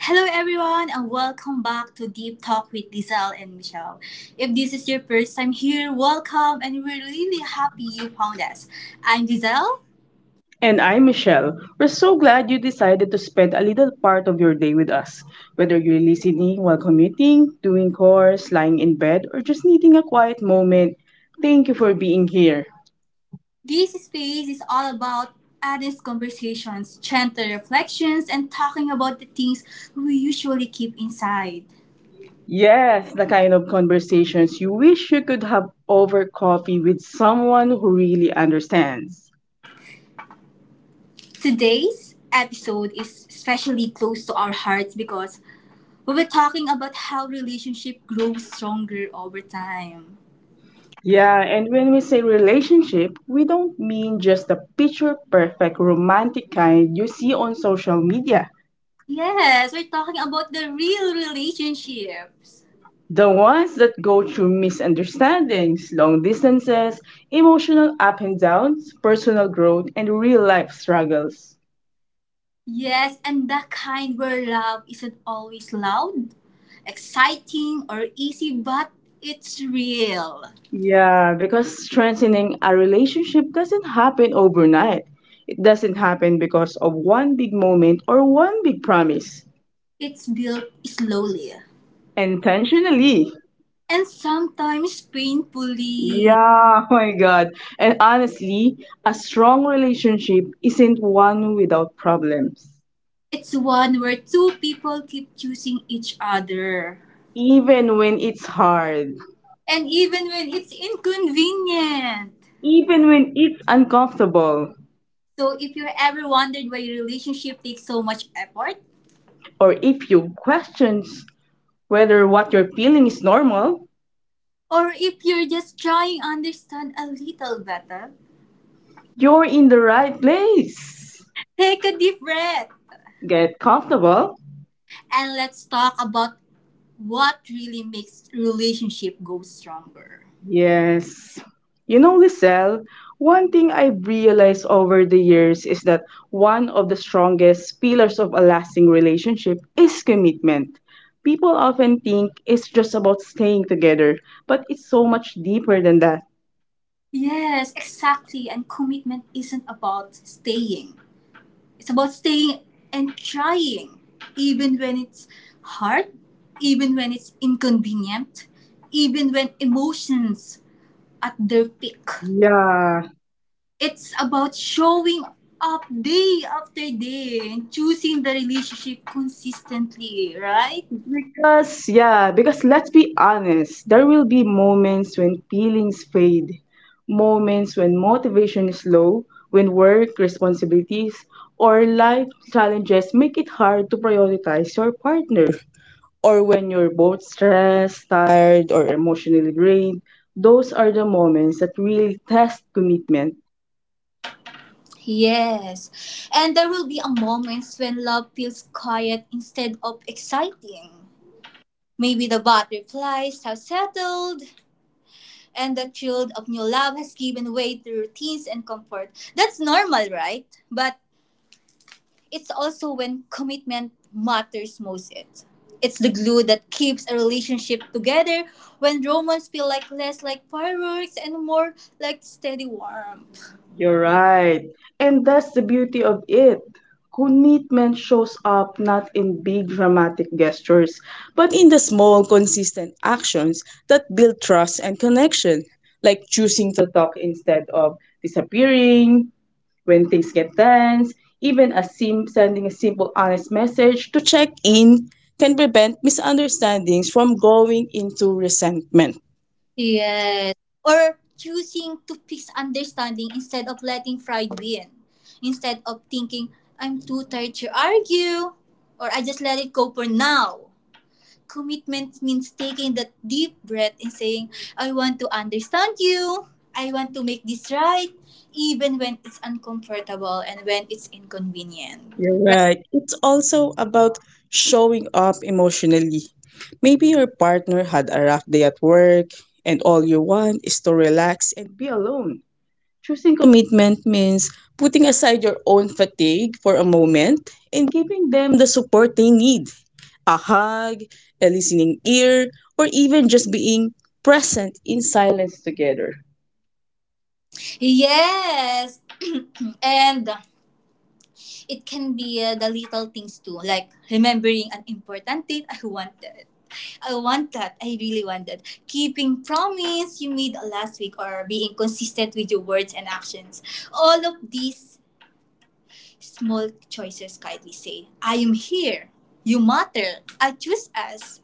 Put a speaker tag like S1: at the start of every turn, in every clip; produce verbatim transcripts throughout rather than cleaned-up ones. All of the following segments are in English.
S1: Hello, everyone, and welcome back to Deep Talk with Diesel and Michelle. If this is your first time here, welcome, and we're really happy you found us. I'm Diesel.
S2: And I'm Michelle. We're so glad you decided to spend a little part of your day with us. Whether you're listening while commuting, doing chores, lying in bed, or just needing a quiet moment, thank you for being here.
S1: This space is all about honest conversations, gentle reflections, and talking about the things we usually keep inside.
S2: Yes, the kind of conversations you wish you could have over coffee with someone who really understands.
S1: Today's episode is especially close to our hearts because we were talking about how relationship grows stronger over time.
S2: Yeah, and when we say relationship, we don't mean just the picture perfect romantic kind you see on social media.
S1: Yes, we're talking about the real relationships.
S2: The ones that go through misunderstandings, long distances, emotional up and downs, personal growth, and real life struggles.
S1: Yes, and the kind where love isn't always loud, exciting, or easy, but it's real.
S2: Yeah, because strengthening a relationship doesn't happen overnight. It doesn't happen because of one big moment or one big promise.
S1: It's built slowly
S2: Intentionally.
S1: and sometimes painfully.
S2: Yeah, my God. And honestly, a strong relationship isn't one without problems,
S1: It's one where two people keep choosing each other,
S2: even when it's hard,
S1: and even when it's inconvenient.
S2: even when it's uncomfortable.
S1: So, if you ever wondered why relationship takes so much effort,
S2: Or if you question whether what you're feeling is normal,
S1: or if you're just trying to understand a little better,
S2: you're in the right place.
S1: take a deep breath
S2: Get comfortable.
S1: and let's talk about what really makes relationship go stronger.
S2: Yes. You know, Lisel, one thing I've realized over the years is that one of the strongest pillars of a lasting relationship is commitment. People often think it's just about staying together, but it's so much deeper than that.
S1: Yes, exactly. And commitment isn't about staying. It's about staying and trying even when it's hard, even when it's inconvenient, even when emotions at their peak.
S2: Yeah.
S1: It's about showing up day after day and choosing the relationship consistently, right?
S2: Because, yeah, because let's be honest, there will be moments when feelings fade, moments when motivation is low, when work responsibilities or life challenges make it hard to prioritize your partner, or when you're both stressed, tired, or emotionally drained. Those are the moments that really test commitment.
S1: Yes. And there will be a moments when love feels quiet instead of exciting. Maybe the butterflies have settled and the thrill of new love has given way to routines and comfort. That's normal, right? But It's also when commitment matters most. It it's the glue that keeps a relationship together when romance feel like less like fireworks and more like steady warmth.
S2: You're right. And that's the beauty of it. Commitment shows up not in big dramatic gestures, but in the small, consistent actions that build trust and connection, like choosing to talk instead of disappearing when things get tense, even a sim- sending a simple, honest message to check in can prevent misunderstandings from going into resentment.
S1: Yes. Or choosing to fix understanding instead of letting pride win. Instead of thinking, I'm too tired to argue, or I just let it go for now. Commitment means taking that deep breath and saying, I want to understand you. I want to make this right, even when it's uncomfortable and when it's inconvenient.
S2: You're
S1: Right?
S2: right. It's also about showing up emotionally. Maybe your partner had a rough day at work, and all you want is to relax and be alone. Choosing commitment means putting aside your own fatigue for a moment and giving them the support they need, a hug, a listening ear, or even just being present in silence together.
S1: Yes. And it can be uh, the little things too, like remembering an important date I wanted. I want that. I really want that. Keeping promise you made last week or being consistent with your words and actions. All of these small choices kindly say, I am here. You matter. I choose us.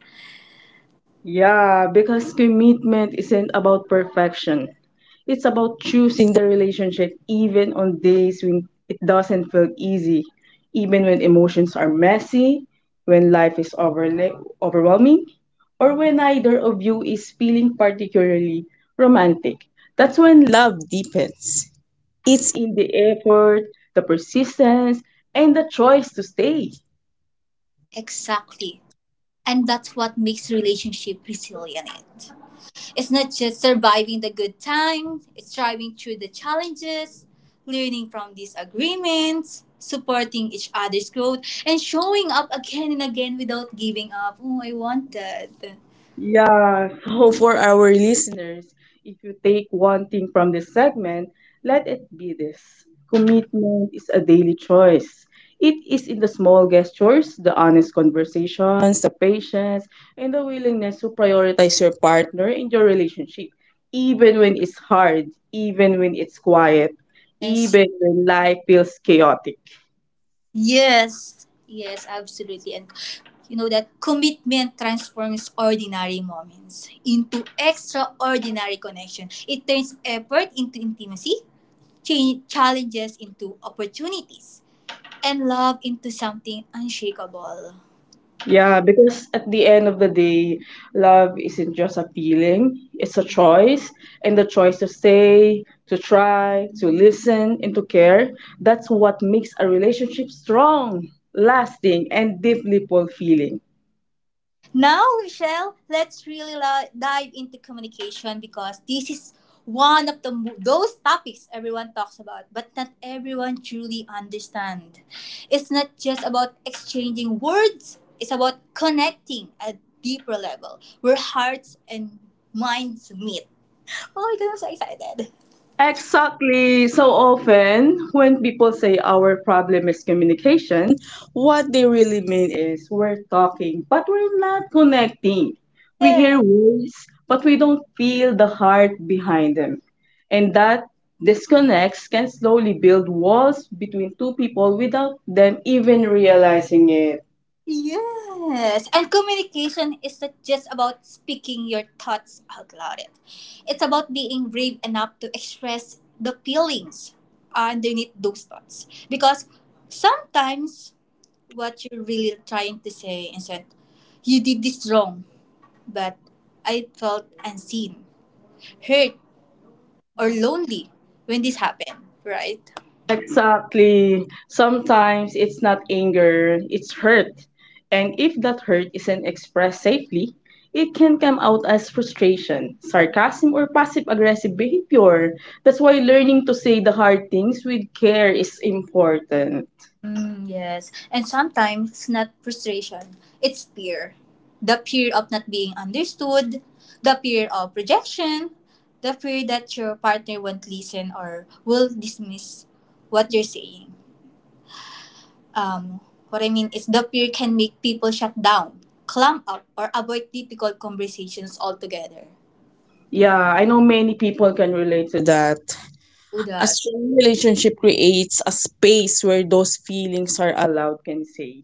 S2: Yeah, because commitment isn't about perfection. It's about choosing the relationship even on days when it doesn't feel easy, even when emotions are messy, when life is overla- overwhelming, or when neither of you is feeling particularly romantic. That's when love deepens. It's in the effort, the persistence, and the choice to stay.
S1: Exactly. And that's what makes relationship resilient. It's not just surviving the good times, it's thriving through the challenges, learning from disagreements, supporting each other's growth, and showing up again and again without giving up. Oh, I want that.
S2: Yeah, so for our listeners, if you take one thing from this segment, let it be this. Commitment is a daily choice. It is in the small gestures, the honest conversations, the patience, and the willingness to prioritize your partner in your relationship, even when it's hard, even when it's quiet,
S1: Yes,
S2: even when life feels chaotic.
S1: Yes, yes, absolutely. And you know that commitment transforms ordinary moments into extraordinary connection. It turns effort into intimacy, cha- challenges into opportunities, and love into something unshakable.
S2: Yeah, because at the end of the day, love isn't just a feeling, it's a choice. And the choice to stay, to try, to listen, and to care, that's what makes a relationship strong, lasting, and deeply fulfilling.
S1: Now, Michelle, let's really la- dive into communication because this is one of the mo- those topics everyone talks about, but not everyone truly understand. It's not just about exchanging words; it's about connecting at deeper level where hearts and minds meet. Oh, I'm so excited!
S2: Exactly. So often, when people say our problem is communication, what they really mean is we're talking, but we're not connecting. We hear words, but we don't feel the heart behind them. And that disconnects can slowly build walls between two people without them even realizing it.
S1: Yes, and communication isn't just about speaking your thoughts out loud. It. It's about being brave enough to express the feelings underneath those thoughts. Because sometimes what you're really trying to say isn't, you did this wrong, but I felt unseen, hurt, or lonely when this happened, right?
S2: Exactly. Sometimes it's not anger, it's hurt. And if that hurt isn't expressed safely, it can come out as frustration, sarcasm, or passive aggressive behavior. That's why learning to say the hard things with care is important.
S1: Mm, yes. And sometimes it's not frustration, it's fear. The fear of not being understood, the fear of rejection, the fear that your partner won't listen or will dismiss what you're saying. Um, what I mean is, the fear can make people shut down, clam up, or avoid difficult conversations altogether.
S2: Yeah, I know many people can relate to that.
S1: Oh,
S2: A
S1: that.
S2: strong relationship creates a space where those feelings are allowed, can say,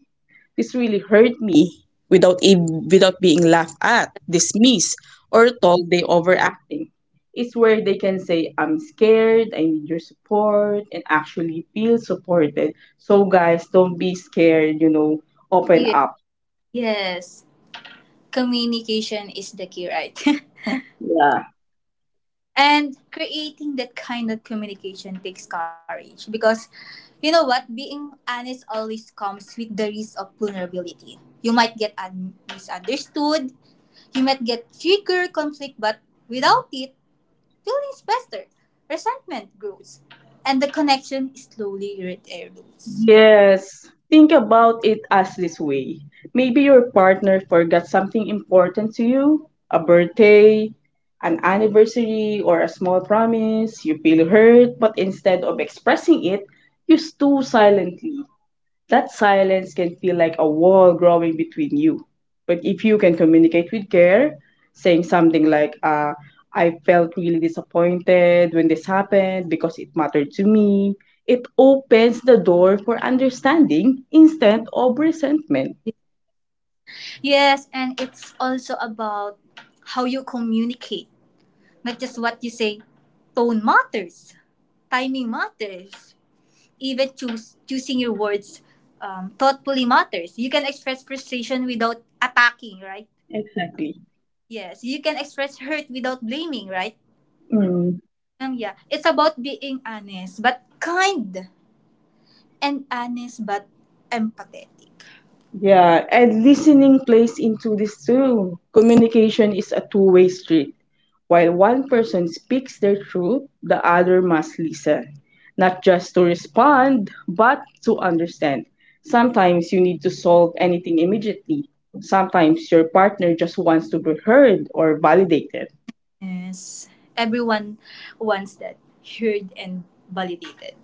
S2: this really hurt me without ev- without being laughed at, dismissed, or told they overacting. It's where they can say, I'm scared, I need your support, and actually feel supported. So guys, don't be scared, you know, open
S1: Yes.
S2: up.
S1: Yes. Communication is the key, right?
S2: Yeah.
S1: And creating that kind of communication takes courage because you know what? Being honest always comes with the risk of vulnerability. You might get un- misunderstood, you might get trigger conflict, but without it, feelings fester, resentment grows, and the connection slowly erodes.
S2: Yes. Think about it as this way. Maybe your partner forgot something important to you, a birthday, an anniversary, or a small promise. You feel hurt, but instead of expressing it, you stew silently. That silence can feel like a wall growing between you. But if you can communicate with care, saying something like, uh, I felt really disappointed when this happened because it mattered to me, it opens the door for understanding instead of resentment.
S1: Yes, and it's also about how you communicate, not just what you say. Tone matters, timing matters, even choose choosing your words um, thoughtfully matters. You can express frustration without attacking, right?
S2: Exactly.
S1: Yes, you can express hurt without blaming, right?
S2: Mm.
S1: Um, yeah, it's about being honest but kind and honest but empathetic.
S2: Yeah, and listening plays into this too. Communication is a two way street. While one person speaks their truth, the other must listen, not just to respond, but to understand. Sometimes you need to solve anything immediately. Sometimes your partner just wants to be heard or validated.
S1: Yes, everyone wants that heard and validated.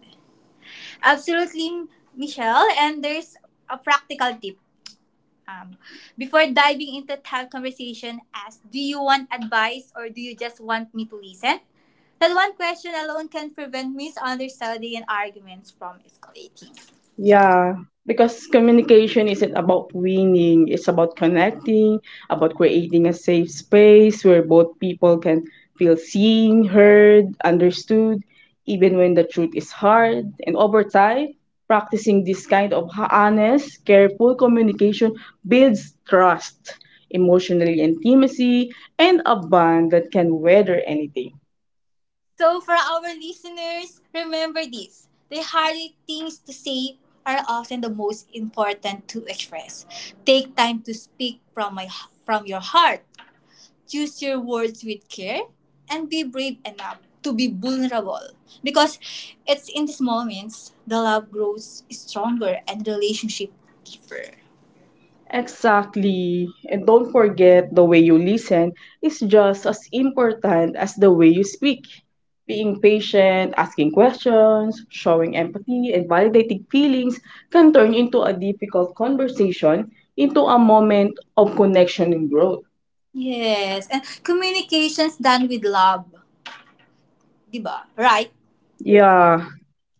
S1: Absolutely, Michelle. And there's a practical tip. Um, Before diving into the conversation, ask: do you want advice or do you just want me to listen? That one question alone can prevent misunderstanding and arguments from escalating.
S2: Yeah, because communication isn't about winning, it's about connecting, about creating a safe space where both people can feel seen, heard, understood, even when the truth is hard. And over time, practicing this kind of ho- honest, careful communication builds trust, emotional intimacy, and a bond that can weather anything.
S1: So, for our listeners, remember this: the hardest things to say are often the most important to express. Take time to speak from, my, from your heart. Choose your words with care and be brave enough to be vulnerable because it's in these moments the love grows stronger and relationship deeper.
S2: Exactly. And don't forget, the way you listen is just as important as the way you speak. Being patient, asking questions, showing empathy, and validating feelings can turn into a difficult conversation into a moment of connection and growth.
S1: Yes, and communications done with love, 'di ba? Right?
S2: Yeah,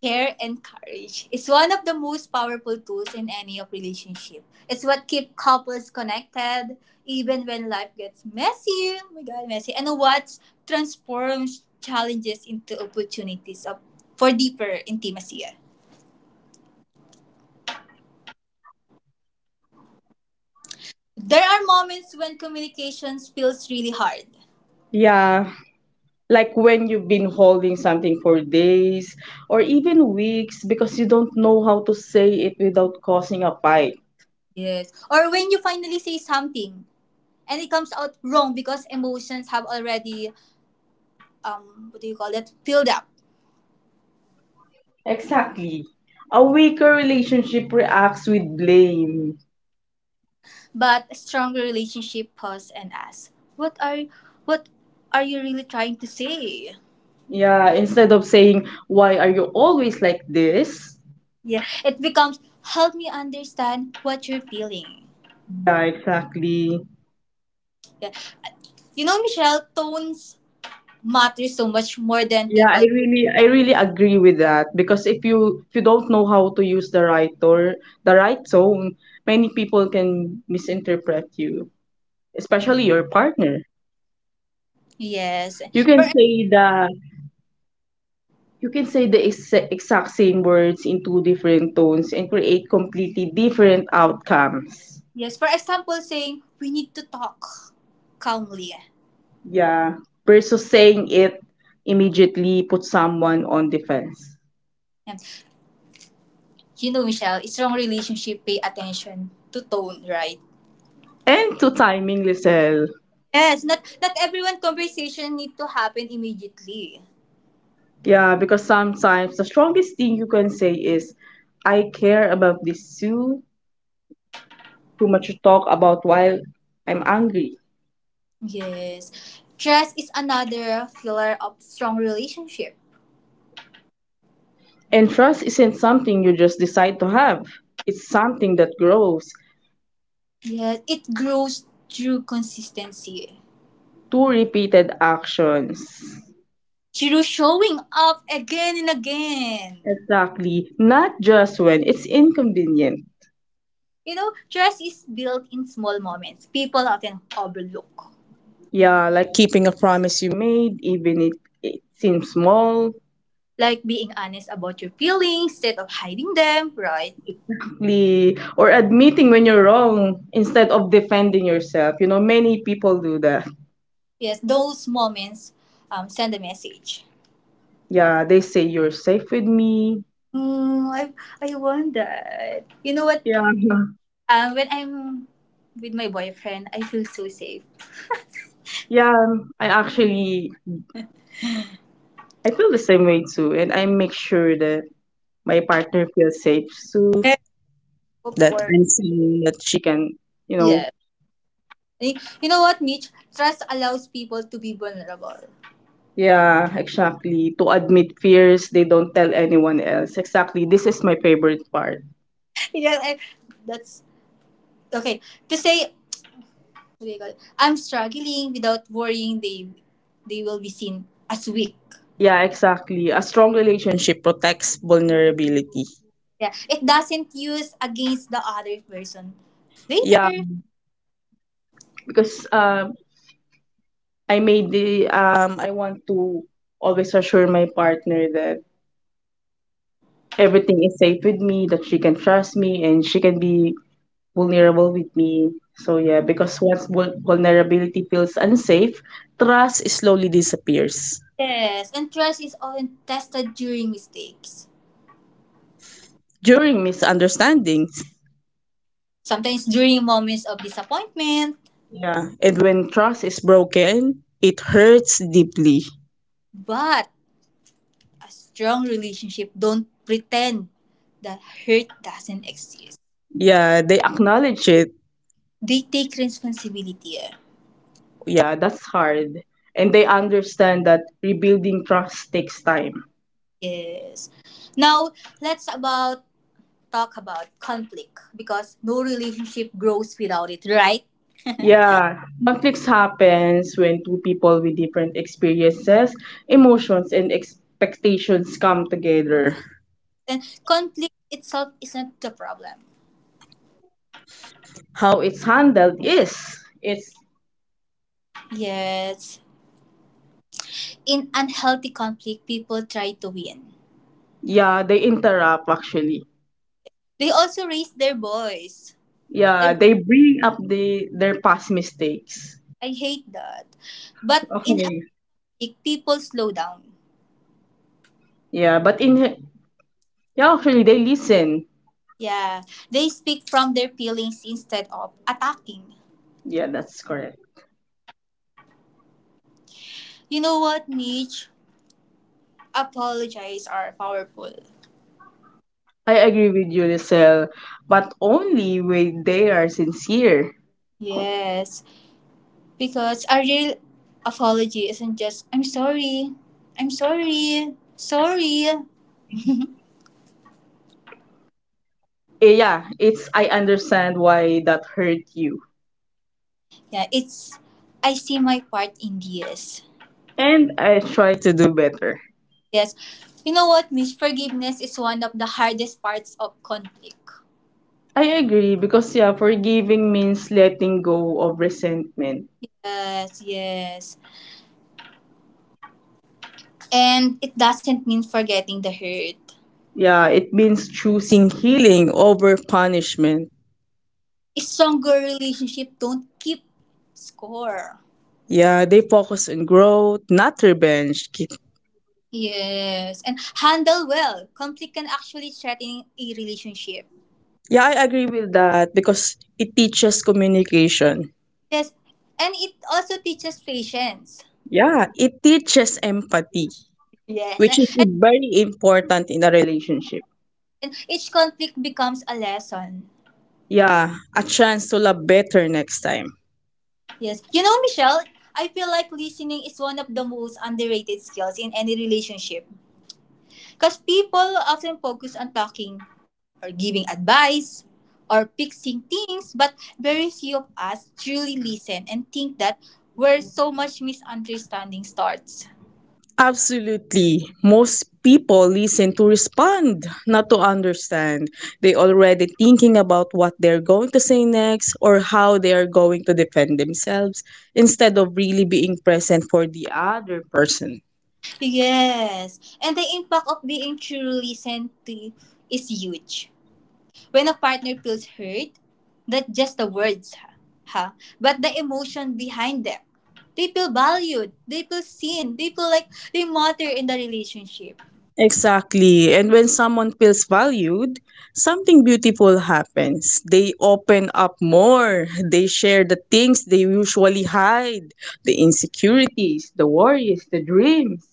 S1: Care and courage is one of the most powerful tools in any of relationship. It's what keeps couples connected even when life gets messy. Oh my god, messy. And what transforms challenges into opportunities of, for deeper intimacy. There are moments when communication feels really hard.
S2: yeah. Like when you've been holding something for days or even weeks because you don't know how to say it without causing a fight.
S1: Yes. Or when you finally say something and it comes out wrong because emotions have already um what do you call that, filled up.
S2: Exactly. A weaker relationship reacts with blame.
S1: But a stronger relationship pause and ask, what are what are you really trying to say?
S2: Yeah, instead of saying, why are you always like this?
S1: Yeah, it becomes help me understand what you're feeling.
S2: Yeah, exactly.
S1: Yeah, you know, Michelle, tones matter so much more than
S2: Yeah, I
S1: people.
S2: really I really agree with that, because if you if you don't know how to use the right or the right tone, many people can misinterpret you, especially your partner.
S1: yes
S2: You can
S1: for
S2: say the you can say the ex- exact same words in two different tones and create completely different outcomes.
S1: yes for example saying we need to talk calmly.
S2: Yeah, versus saying it immediately put someone on defense.
S1: And you know, Michelle, it's wrong relationship pay attention to tone, right?
S2: And to timing, Lisel.
S1: Yes, not not everyone conversation need to happen immediately.
S2: Yeah, because sometimes the strongest thing you can say is, I care about this too, too much to talk about while I'm angry.
S1: Yes. Trust is another pillar of strong relationship.
S2: And trust isn't something you just decide to have, it's something that grows
S1: Yes, it grows through consistency.
S2: through repeated actions.
S1: Through showing up again and again.
S2: Exactly, not just when it's inconvenient.
S1: You know, trust is built in small moments. People often overlook.
S2: Yeah, like keeping a promise you made, even it, it seems small,
S1: Like being honest about your feelings instead of hiding them, right?
S2: li- or admitting when you're wrong instead of defending yourself. You know, many people do that.
S1: Yes, those moments um, send a message.
S2: Yeah, they say you're safe with me.
S1: Mm, I, I want that. You know what?
S2: Yeah,
S1: Um, when I'm with my boyfriend, I feel so safe.
S2: yeah. I actually, I feel the same way too, and I make sure that my partner feels safe too.
S1: Of
S2: That
S1: course.
S2: I'm saying that she can, you know.
S1: Yes. Y- You know what, Mitch? Trust allows people to be vulnerable.
S2: Yeah, exactly. To admit fears, they don't tell anyone else. Exactly. This is my favorite part.
S1: yeah, I, that's okay. To say, what do you call it? I'm struggling without worrying they they will be seen as weak.
S2: Yeah, exactly. A strong relationship protects vulnerability.
S1: Yeah, it doesn't use against the other person
S2: Yeah,
S1: later.
S2: because um, I made the um, I want to always assure my partner that everything is safe with me, that she can trust me, and she can be vulnerable with me. So yeah, because once vul- vulnerability feels unsafe, trust slowly disappears
S1: Yes, and trust is often tested during mistakes,
S2: during misunderstandings.
S1: sometimes during moments of disappointment.
S2: Yeah, and when trust is broken, it hurts deeply.
S1: But a strong relationship don't pretend that hurt doesn't exist.
S2: Yeah, they acknowledge it.
S1: They take responsibility. Eh.
S2: Yeah, that's hard. And they understand that rebuilding trust takes time.
S1: Yes. Now let's about talk about conflict because no relationship grows without it, right?
S2: Yeah, conflicts happens when two people with different experiences, emotions, and expectations come together.
S1: And conflict itself isn't the problem.
S2: How it's handled is it's
S1: Yes. In unhealthy conflict, people try to win.
S2: yeah, they interrupt actually.
S1: They also raise their voice.
S2: Yeah,
S1: Their
S2: they bring up the their past mistakes.
S1: I hate that. But in
S2: Okay.
S1: healthy, people slow down.
S2: Yeah, but in yeah, actually they listen.
S1: Yeah. They speak from their feelings instead of attacking.
S2: Yeah, that's correct.
S1: You know what, Mitch? Apologies are powerful.
S2: I agree with you, Lisel, but only when they are sincere.
S1: Yes, because a real apology isn't just, "I'm sorry, I'm sorry, sorry."
S2: Eh, yeah, it's I understand why that hurt you.
S1: Yeah, it's I see my part in this.
S2: And I try to do better.
S1: Yes, you know what, Miss? Forgiveness is one of the hardest parts of conflict.
S2: I agree because yeah, forgiving means letting go of resentment.
S1: Yes, yes, and it doesn't mean forgetting the hurt.
S2: Yeah, it means choosing healing over punishment.
S1: Stronger relationship don't keep score.
S2: Yeah, they focus on growth, not revenge. Ki-
S1: Yes, and handle well. Conflict can actually threaten a relationship.
S2: Yeah, I agree with that because it teaches communication.
S1: Yes, and it also teaches patience.
S2: Yeah, it teaches empathy,
S1: Yes,
S2: which
S1: and,
S2: is very important in a relationship.
S1: and each conflict becomes a lesson.
S2: Yeah, a chance to love better next time.
S1: Yes, you know, Michelle, I feel like listening is one of the most underrated skills in any relationship. Because people often focus on talking or giving advice or fixing things, but very few of us truly listen and think that where so much misunderstanding starts.
S2: Absolutely. Most people listen to respond, not to understand. They already thinking about what they're going to say next or how they are going to defend themselves instead of really being present for the other person.
S1: Yes. And the impact of being truly sent to is huge. When a partner feels hurt, not just the words, ha, ha, but the emotion behind them. They feel valued. They feel seen. They feel like they matter in the relationship.
S2: Exactly. And when someone feels valued, something beautiful happens. They open up more. They share the things they usually hide, the insecurities, the worries, the dreams,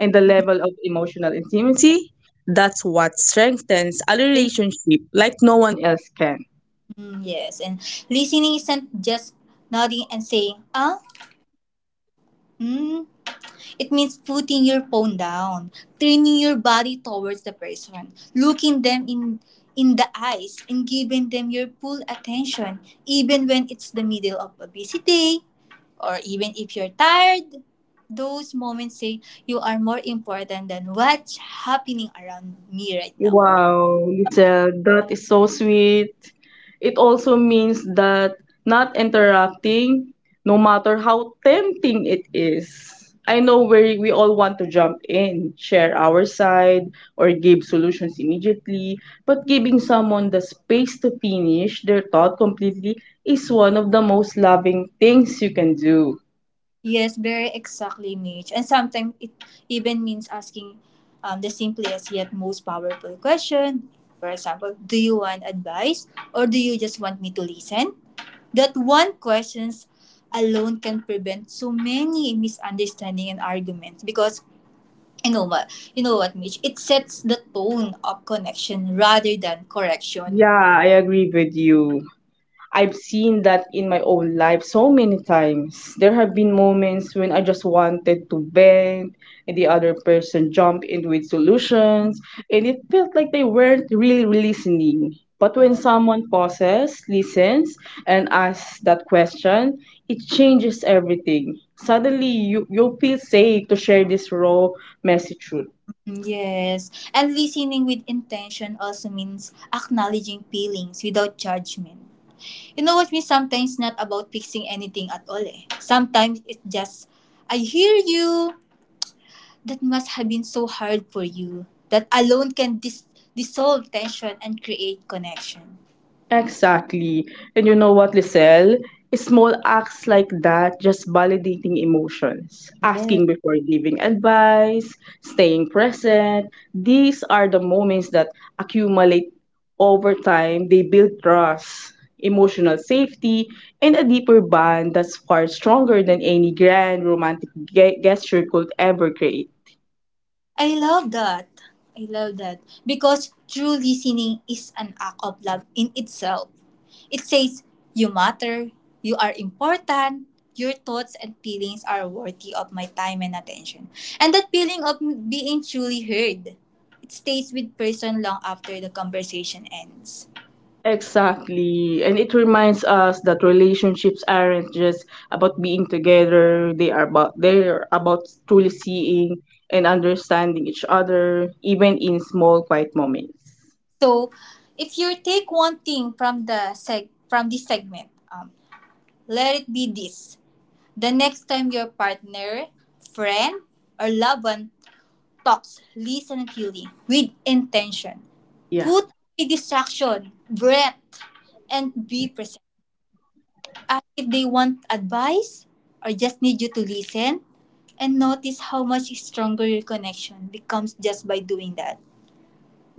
S2: and the level of emotional intimacy. That's what strengthens a
S1: They-
S2: relationship like no one else can.
S1: Mm, yes. And listening isn't just nodding and saying, ah, mm, it means putting your phone down, turning your body towards the person, looking them in in the eyes and giving them your full attention, even when it's the middle of a busy day or even if you're tired. Those moments say you are more important than what's happening around me right now.
S2: Wow, Lizelle, that is so sweet. It also means that not interrupting, no matter how tempting it is. I know where we all want to jump in, share our side, or give solutions immediately, but giving someone the space to finish their thought completely is one of the most loving things you can do.
S1: Yes, very exactly, Mitch. And sometimes it even means asking um, the simplest yet most powerful question. For example, do you want advice or do you just want me to listen? That one questions alone can prevent so many misunderstanding and arguments because you know what you know what, Mitch, it sets the tone of connection rather than correction.
S2: Yeah, I agree with you. I've seen that in my own life so many times. There have been moments when I just wanted to vent, and the other person jumped in with solutions, and it felt like they weren't really listening. But when someone pauses, listens, and asks that question, it changes everything. Suddenly, you, you feel safe to share this raw message truth.
S1: Yes, and listening with intention also means acknowledging feelings without judgment. You know what me? Sometimes not about fixing anything at all, eh. Sometimes it's just, I hear you. That must have been so hard for you. That alone can dis- dissolve tension and create connection.
S2: Exactly. And you know what, Lisel? Small acts like that, just validating emotions, asking before giving advice, staying present. These are the moments that accumulate over time. They build trust, emotional safety, and a deeper bond that's far stronger than any grand romantic ge- gesture could ever create.
S1: I love that. I love that. Because true listening is an act of love in itself. It says, you matter, you are important, your thoughts and feelings are worthy of my time and attention. And that feeling of being truly heard, it stays with person long after the conversation ends.
S2: Exactly. And it reminds us that relationships aren't just about being together, they are about they're about truly seeing and understanding each other, even in small quiet moments.
S1: So, if you take one thing from the seg- from this segment, um, let it be this. The next time your partner, friend, or loved one talks, listen acutely with intention.
S2: Yeah.
S1: Put away distraction, breath, and be present. Ask if they want advice or just need you to listen and notice how much stronger your connection becomes just by doing that.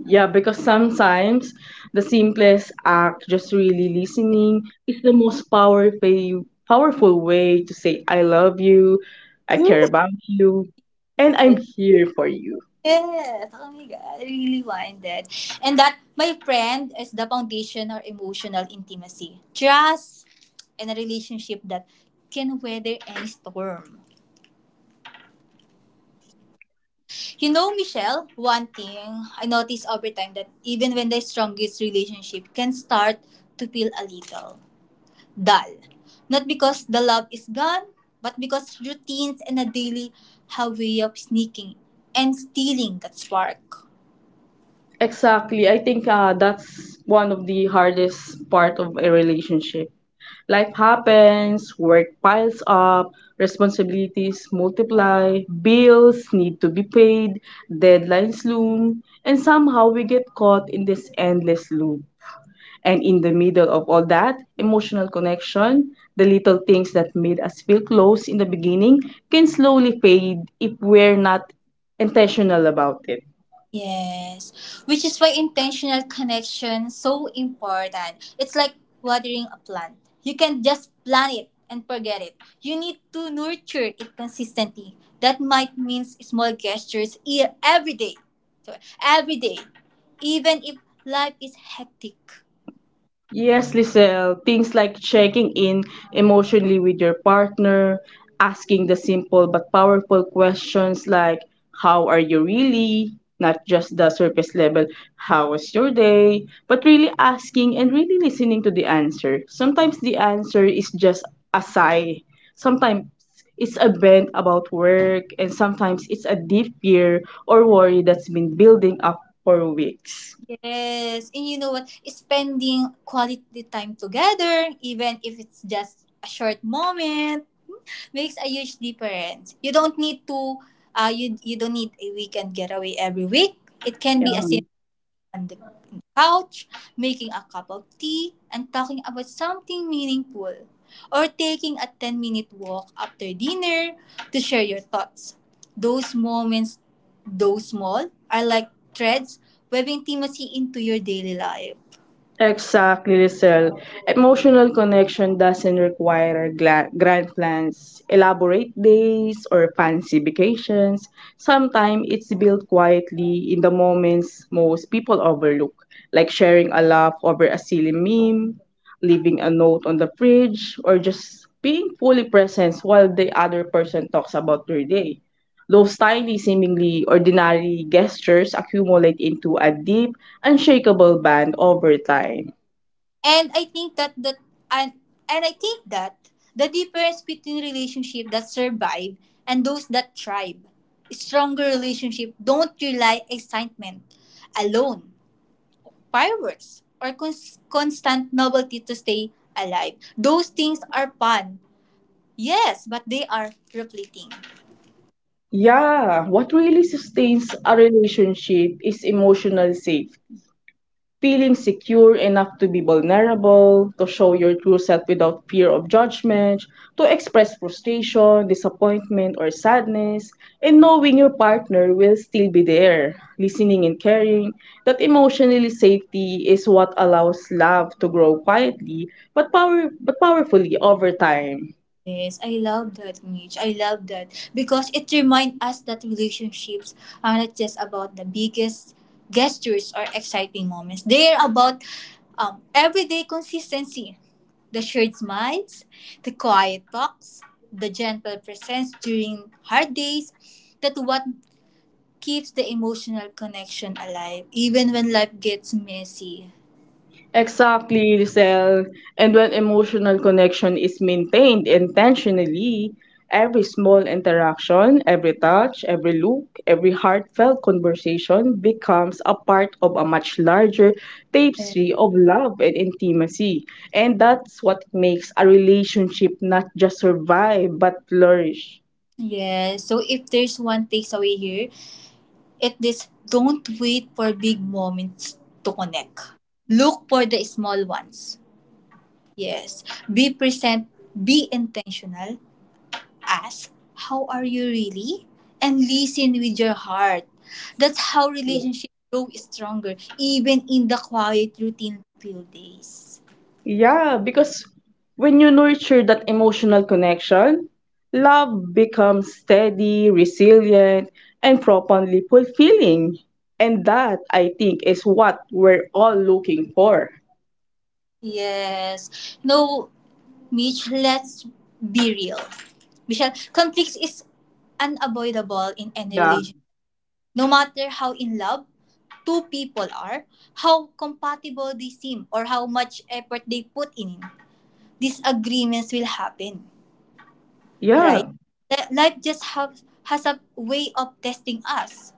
S2: Yeah, because sometimes the simplest act, just really listening, is the most powerful powerful way to say I love you, I care about you, and I'm here for you.
S1: Yes. Oh my God. I really wanted. And that, my friend, is the foundation or emotional intimacy. Trust and a relationship that can weather any storm. You know, Michelle, one thing I notice over time that even when the strongest relationship can start to feel a little dull. Not because the love is gone, but because routines and a daily have way of sneaking and stealing that spark.
S2: Exactly. I think uh, that's one of the hardest part of a relationship. Life happens, work piles up, responsibilities multiply, bills need to be paid, deadlines loom, and somehow we get caught in this endless loop. And in the middle of all that, emotional connection, the little things that made us feel close in the beginning can slowly fade if we're not intentional about it.
S1: Yes, which is why intentional connection is so important. It's like watering a plant. You can just plant it and forget it. You need to nurture it consistently. That might mean small gestures e- every day. So every day, even if life is hectic.
S2: Yes, Lisel, things like checking in emotionally with your partner, asking the simple but powerful questions like, how are you really? Not just the surface level, how was your day? But really asking and really listening to the answer. Sometimes the answer is just a sigh, sometimes it's a bent about work, and sometimes it's a deep fear or worry that's been building up for weeks.
S1: Yes, and you know what? Spending quality time together, even if it's just a short moment, makes a huge difference. You don't need to uh you you don't need a weekend getaway every week. It can be a simple on the couch, making a cup of tea and talking about something meaningful or taking a ten minute walk after dinner to share your thoughts. Those moments, though small, are like threads weaving intimacy into your daily life.
S2: Exactly, Lizelle. Emotional connection doesn't require gla- grand plans, elaborate days, or fancy vacations. Sometimes it's built quietly in the moments most people overlook, like sharing a laugh over a silly meme, leaving a note on the fridge, or just being fully present while the other person talks about their day. Those tiny, seemingly ordinary gestures accumulate into a deep, unshakable bond over time.
S1: And I think that that and and I think that the difference between relationship that survive and those that thrive. Stronger relationship don't rely excitement alone, fireworks, or cons- constant novelty to stay alive. Those things are fun, yes, but they are repleting.
S2: Yeah, what really sustains a relationship is emotional safety, feeling secure enough to be vulnerable, to show your true self without fear of judgment, to express frustration, disappointment, or sadness, and knowing your partner will still be there, listening and caring, that emotionally safety is what allows love to grow quietly but power but powerfully over time.
S1: Yes, I love that, Mitch. I love that because it reminds us that relationships are not just about the biggest gestures or exciting moments. They are about um, everyday consistency, the shared smiles, the quiet talks, the gentle presence during hard days. That what keeps the emotional connection alive, even when life gets messy.
S2: Exactly, Lucille. And when emotional connection is maintained intentionally, every small interaction, every touch, every look, every heartfelt conversation becomes a part of a much larger tapestry of love and intimacy. And that's what makes a relationship not just survive but flourish.
S1: Yes. So if there's one takeaway here, it is don't wait for big moments to connect. Look for the small ones. Yes. Be present, be intentional, ask, how are you really? And listen with your heart. That's how relationships grow stronger, even in the quiet routine few days.
S2: Yeah, because when you nurture that emotional connection, love becomes steady, resilient, and profoundly fulfilling. And that, I think, is what we're all looking for.
S1: Yes. No, Mitch, let's be real. Michelle, conflicts is unavoidable in any
S2: Yeah.
S1: relationship. No matter how in love two people are, how compatible they seem, or how much effort they put in, disagreements will happen, right?
S2: Yeah.
S1: Li- Life just has, has a way of testing us.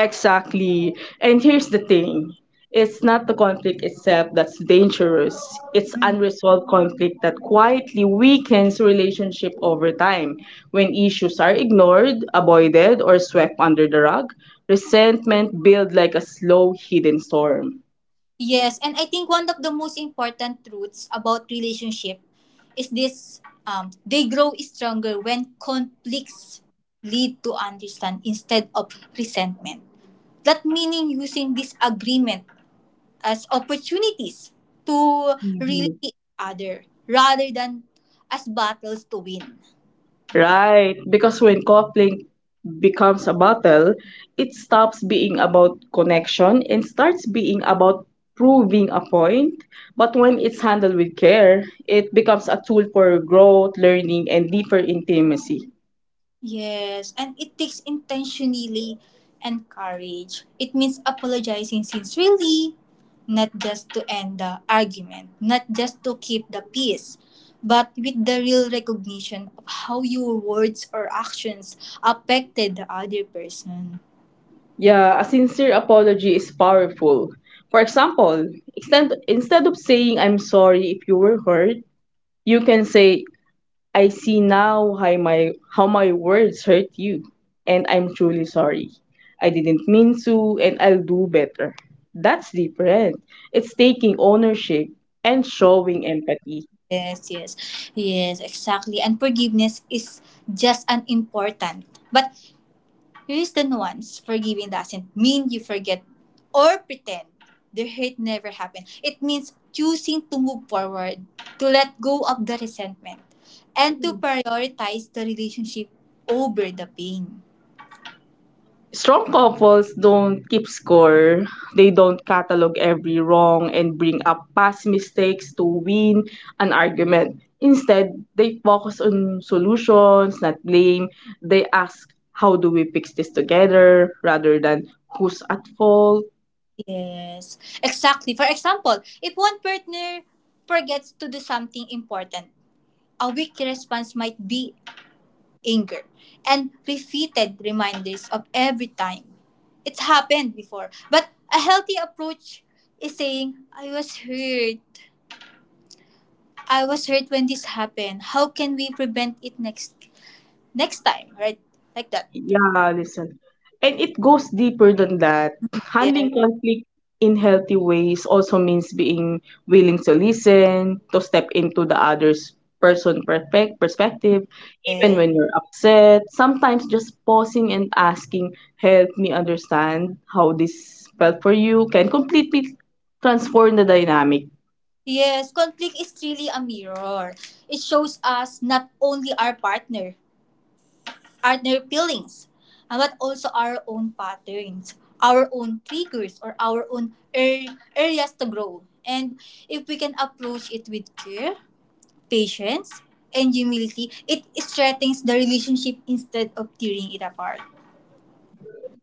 S2: Exactly. And here's the thing, it's not the conflict itself that's dangerous, it's unresolved conflict that quietly weakens relationship over time. When issues are ignored, avoided, or swept under the rug, resentment builds like a slow hidden storm.
S1: Yes, and I think one of the most important truths about relationship is this, um, they grow stronger when conflicts lead to understand instead of resentment. That meaning using disagreement as opportunities to really
S2: Mhm.
S1: other rather than as battles to win.
S2: Right, because when coupling becomes a battle, it stops being about connection and starts being about proving a point. But when it's handled with care, it becomes a tool for growth, learning, and deeper intimacy.
S1: Yes, and it takes intentionally and courage. It means apologizing sincerely, not just to end the argument, not just to keep the peace, but with the real recognition of how your words or actions affected the other person.
S2: Yeah, a sincere apology is powerful. For example, extend, instead of saying, I'm sorry if you were hurt, you can say, I see now how my how my words hurt you, and I'm truly sorry. I didn't mean to, and I'll do better. That's different. It's taking ownership and showing empathy.
S1: Yes, yes, yes, exactly. And forgiveness is just an important. But here's the nuance, forgiving doesn't mean you forget or pretend the hate never happened. It means choosing to move forward, to let go of the resentment, and to prioritize the relationship over the pain.
S2: Strong couples don't keep score. They don't catalog every wrong and bring up past mistakes to win an argument. Instead, they focus on solutions, not blame. They ask, how do we fix this together rather than who's at fault?
S1: Yes, exactly. For example, if one partner forgets to do something important, a weak response might be anger, and repeated reminders of every time. It's happened before. But a healthy approach is saying, I was hurt. I was hurt when this happened. How can we prevent it next next time? Right? Like that.
S2: Yeah, listen. And it goes deeper than that.
S1: Yes.
S2: Handling conflict in healthy ways also means being willing to listen, to step into the other's person perfect perspective, even
S1: Yes.
S2: when you're upset. Sometimes just pausing and asking, help me understand how this felt for you can completely transform the dynamic.
S1: Yes. Conflict is really a mirror. It shows us not only our partner, other feelings, uh, but also our own patterns, our own triggers, or our own ar- areas to grow. And if we can approach it with care, patience, and humility, it strengthens the relationship instead of tearing it apart.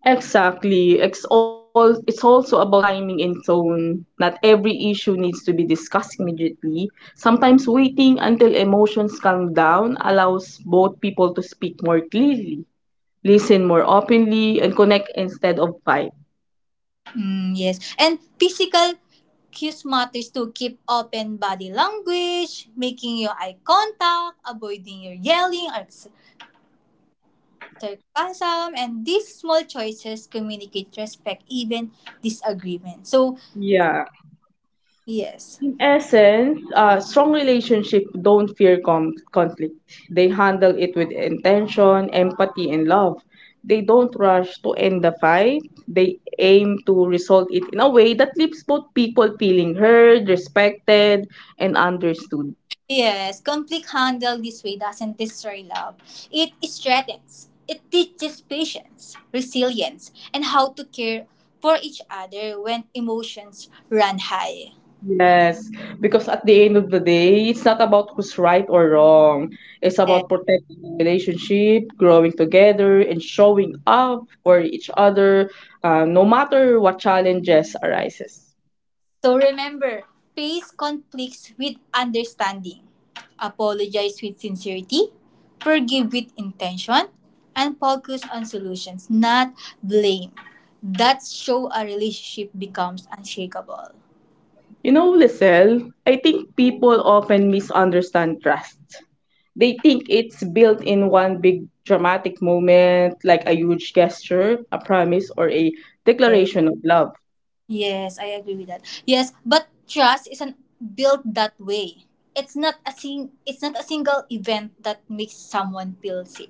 S2: Exactly. It's all it's also about timing and tone. Not every issue needs to be discussed immediately. Sometimes waiting until emotions calm down allows both people to speak more clearly, listen more openly, and connect instead of fight.
S1: Mm, yes. And physical cues matters to keep open body language, making your eye contact, avoiding your yelling or ex- sarcasm, and these small choices communicate respect, even disagreement. So,
S2: Yeah.
S1: yes.
S2: In essence, uh, strong relationship don't fear com- conflict. They handle it with intention, empathy, and love. They don't rush to end the fight. They aim to resolve it in a way that leaves both people feeling heard, respected, and understood.
S1: Yes, conflict handled this way doesn't destroy love. It strengthens. It teaches patience, resilience, and how to care for each other when emotions run high.
S2: Yes, because at the end of the day, it's not about who's right or wrong. It's about protecting the relationship, growing together, and showing up for each other, uh, no matter what challenges arises.
S1: So remember, face conflicts with understanding, apologize with sincerity, forgive with intention, and focus on solutions, not blame. That show a relationship becomes unshakable.
S2: You know, Lisel, I think people often misunderstand trust. They think it's built in one big dramatic moment, like a huge gesture, a promise, or a
S1: Yes.
S2: declaration of love.
S1: Yes, I agree with that. Yes, but trust isn't built that way. It's not a sing. It's not a single event that makes someone feel safe.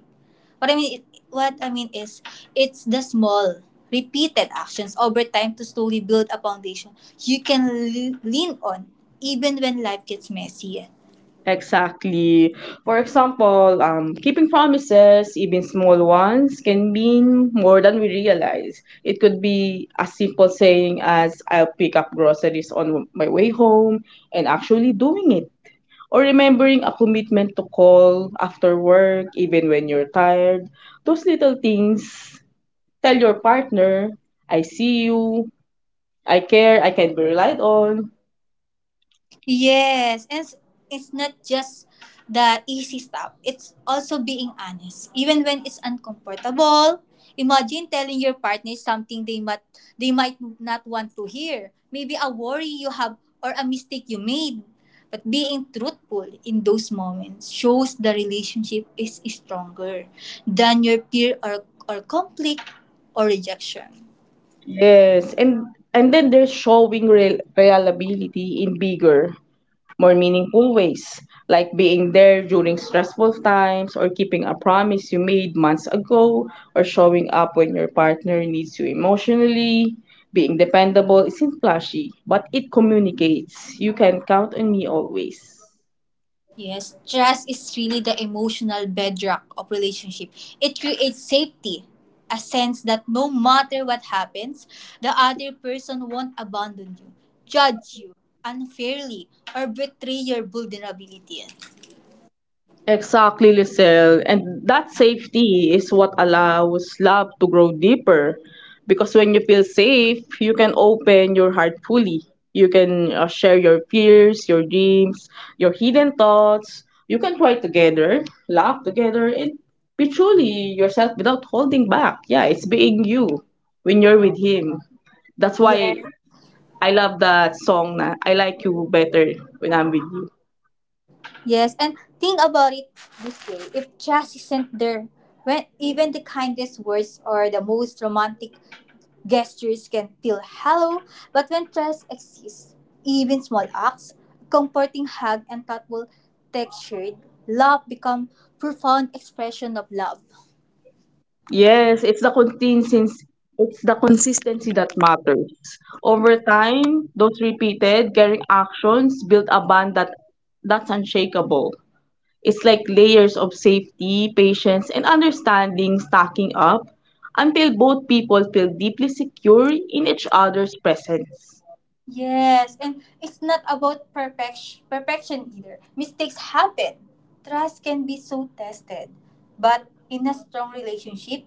S1: What I mean, what I mean is, it's the small, repeated actions over time to slowly build a foundation you can l- lean on, even when life gets messy.
S2: Exactly. For example, um, keeping promises, even small ones, can mean more than we realize. It could be as simple saying as I'll pick up groceries on my way home and actually doing it. Or remembering a commitment to call after work, even when you're tired. Those little things tell your partner, I see you, I care, I can be relied on.
S1: Yes, and it's, it's not just the easy stuff. It's also being honest, even when it's uncomfortable. Imagine telling your partner something they might they might not want to hear. Maybe a worry you have or a mistake you made. But being truthful in those moments shows the relationship is stronger than your fear or, or conflict or rejection.
S2: Yes, and and then they're showing real, reliability in bigger, more meaningful ways, like being there during stressful times or keeping a promise you made months ago or showing up when your partner needs you emotionally. Being dependable isn't flashy, but it communicates. You can count on me always.
S1: Yes, trust is really the emotional bedrock of relationship. It creates safety, a sense that no matter what happens, the other person won't abandon you, judge you unfairly, or betray your vulnerability.
S2: Exactly, Lisel. And that safety is what allows love to grow deeper. Because when you feel safe, you can open your heart fully. You can uh, share your fears, your dreams, your hidden thoughts. You can cry together, laugh together, and be truly yourself without holding back. Yeah, it's being you when you're with Him. That's why
S1: Yes.
S2: I love that song, na I Like You Better When I'm With You.
S1: Yes, and think about it this way. If trust isn't there, when even the kindest words or the most romantic gestures can feel hollow, but when trust exists, even small acts, a comforting hug and thoughtful textured love become profound expression of love.
S2: Yes, it's the consistency it's the consistency that matters. Over time, those repeated caring actions build a bond that that's unshakable. It's like layers of safety, patience, and understanding stacking up until both people feel deeply secure in each other's presence.
S1: Yes, and it's not about perfection perfection either. Mistakes happen. Trust can be so tested. But in a strong relationship,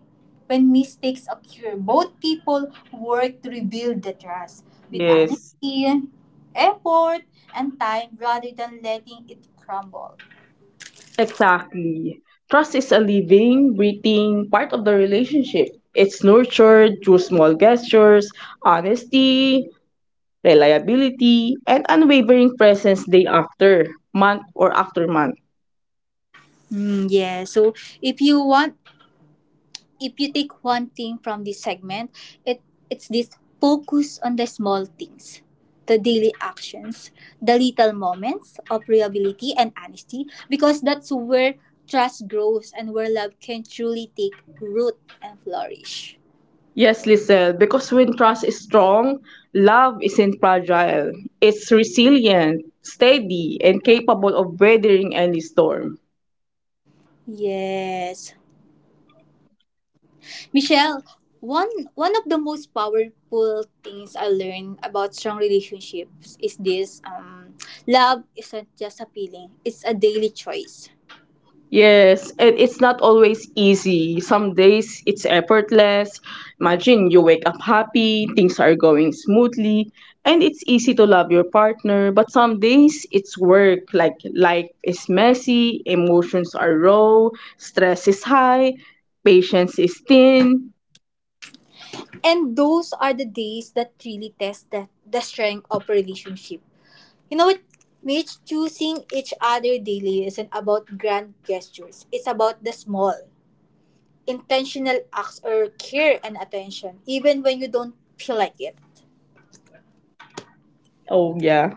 S1: when mistakes occur, both people work to rebuild the trust with
S2: Yes,
S1: honesty, effort, and time rather than letting it crumble.
S2: exactly. Trust is a living, breathing part of the relationship. It's nurtured through small gestures, honesty, reliability, and unwavering presence day after, month or after month.
S1: Mm, yeah, so if you want if you take one thing from this segment, it it's this, focus on the small things, the daily actions, the little moments of reliability and honesty, because that's where trust grows and where love can truly take root and flourish.
S2: Yes, Lisel, because when trust is strong, love isn't fragile. It's resilient, steady, and capable of weathering any storm.
S1: Yes. Michelle, one one of the most powerful things I learned about strong relationships is this, um love isn't just a feeling, it's a daily choice.
S2: Yes, and it's not always easy. Some days it's effortless. Imagine you wake up happy, things are going smoothly, and it's easy to love your partner. But some days it's work, like life is messy, emotions are raw, stress is high, patience is thin.
S1: And those are the days that really test the, the strength of a relationship. You know what, Mitch? Choosing each other daily isn't about grand gestures. It's about the small, intentional acts or care and attention, even when you don't feel like it.
S2: Oh, yeah.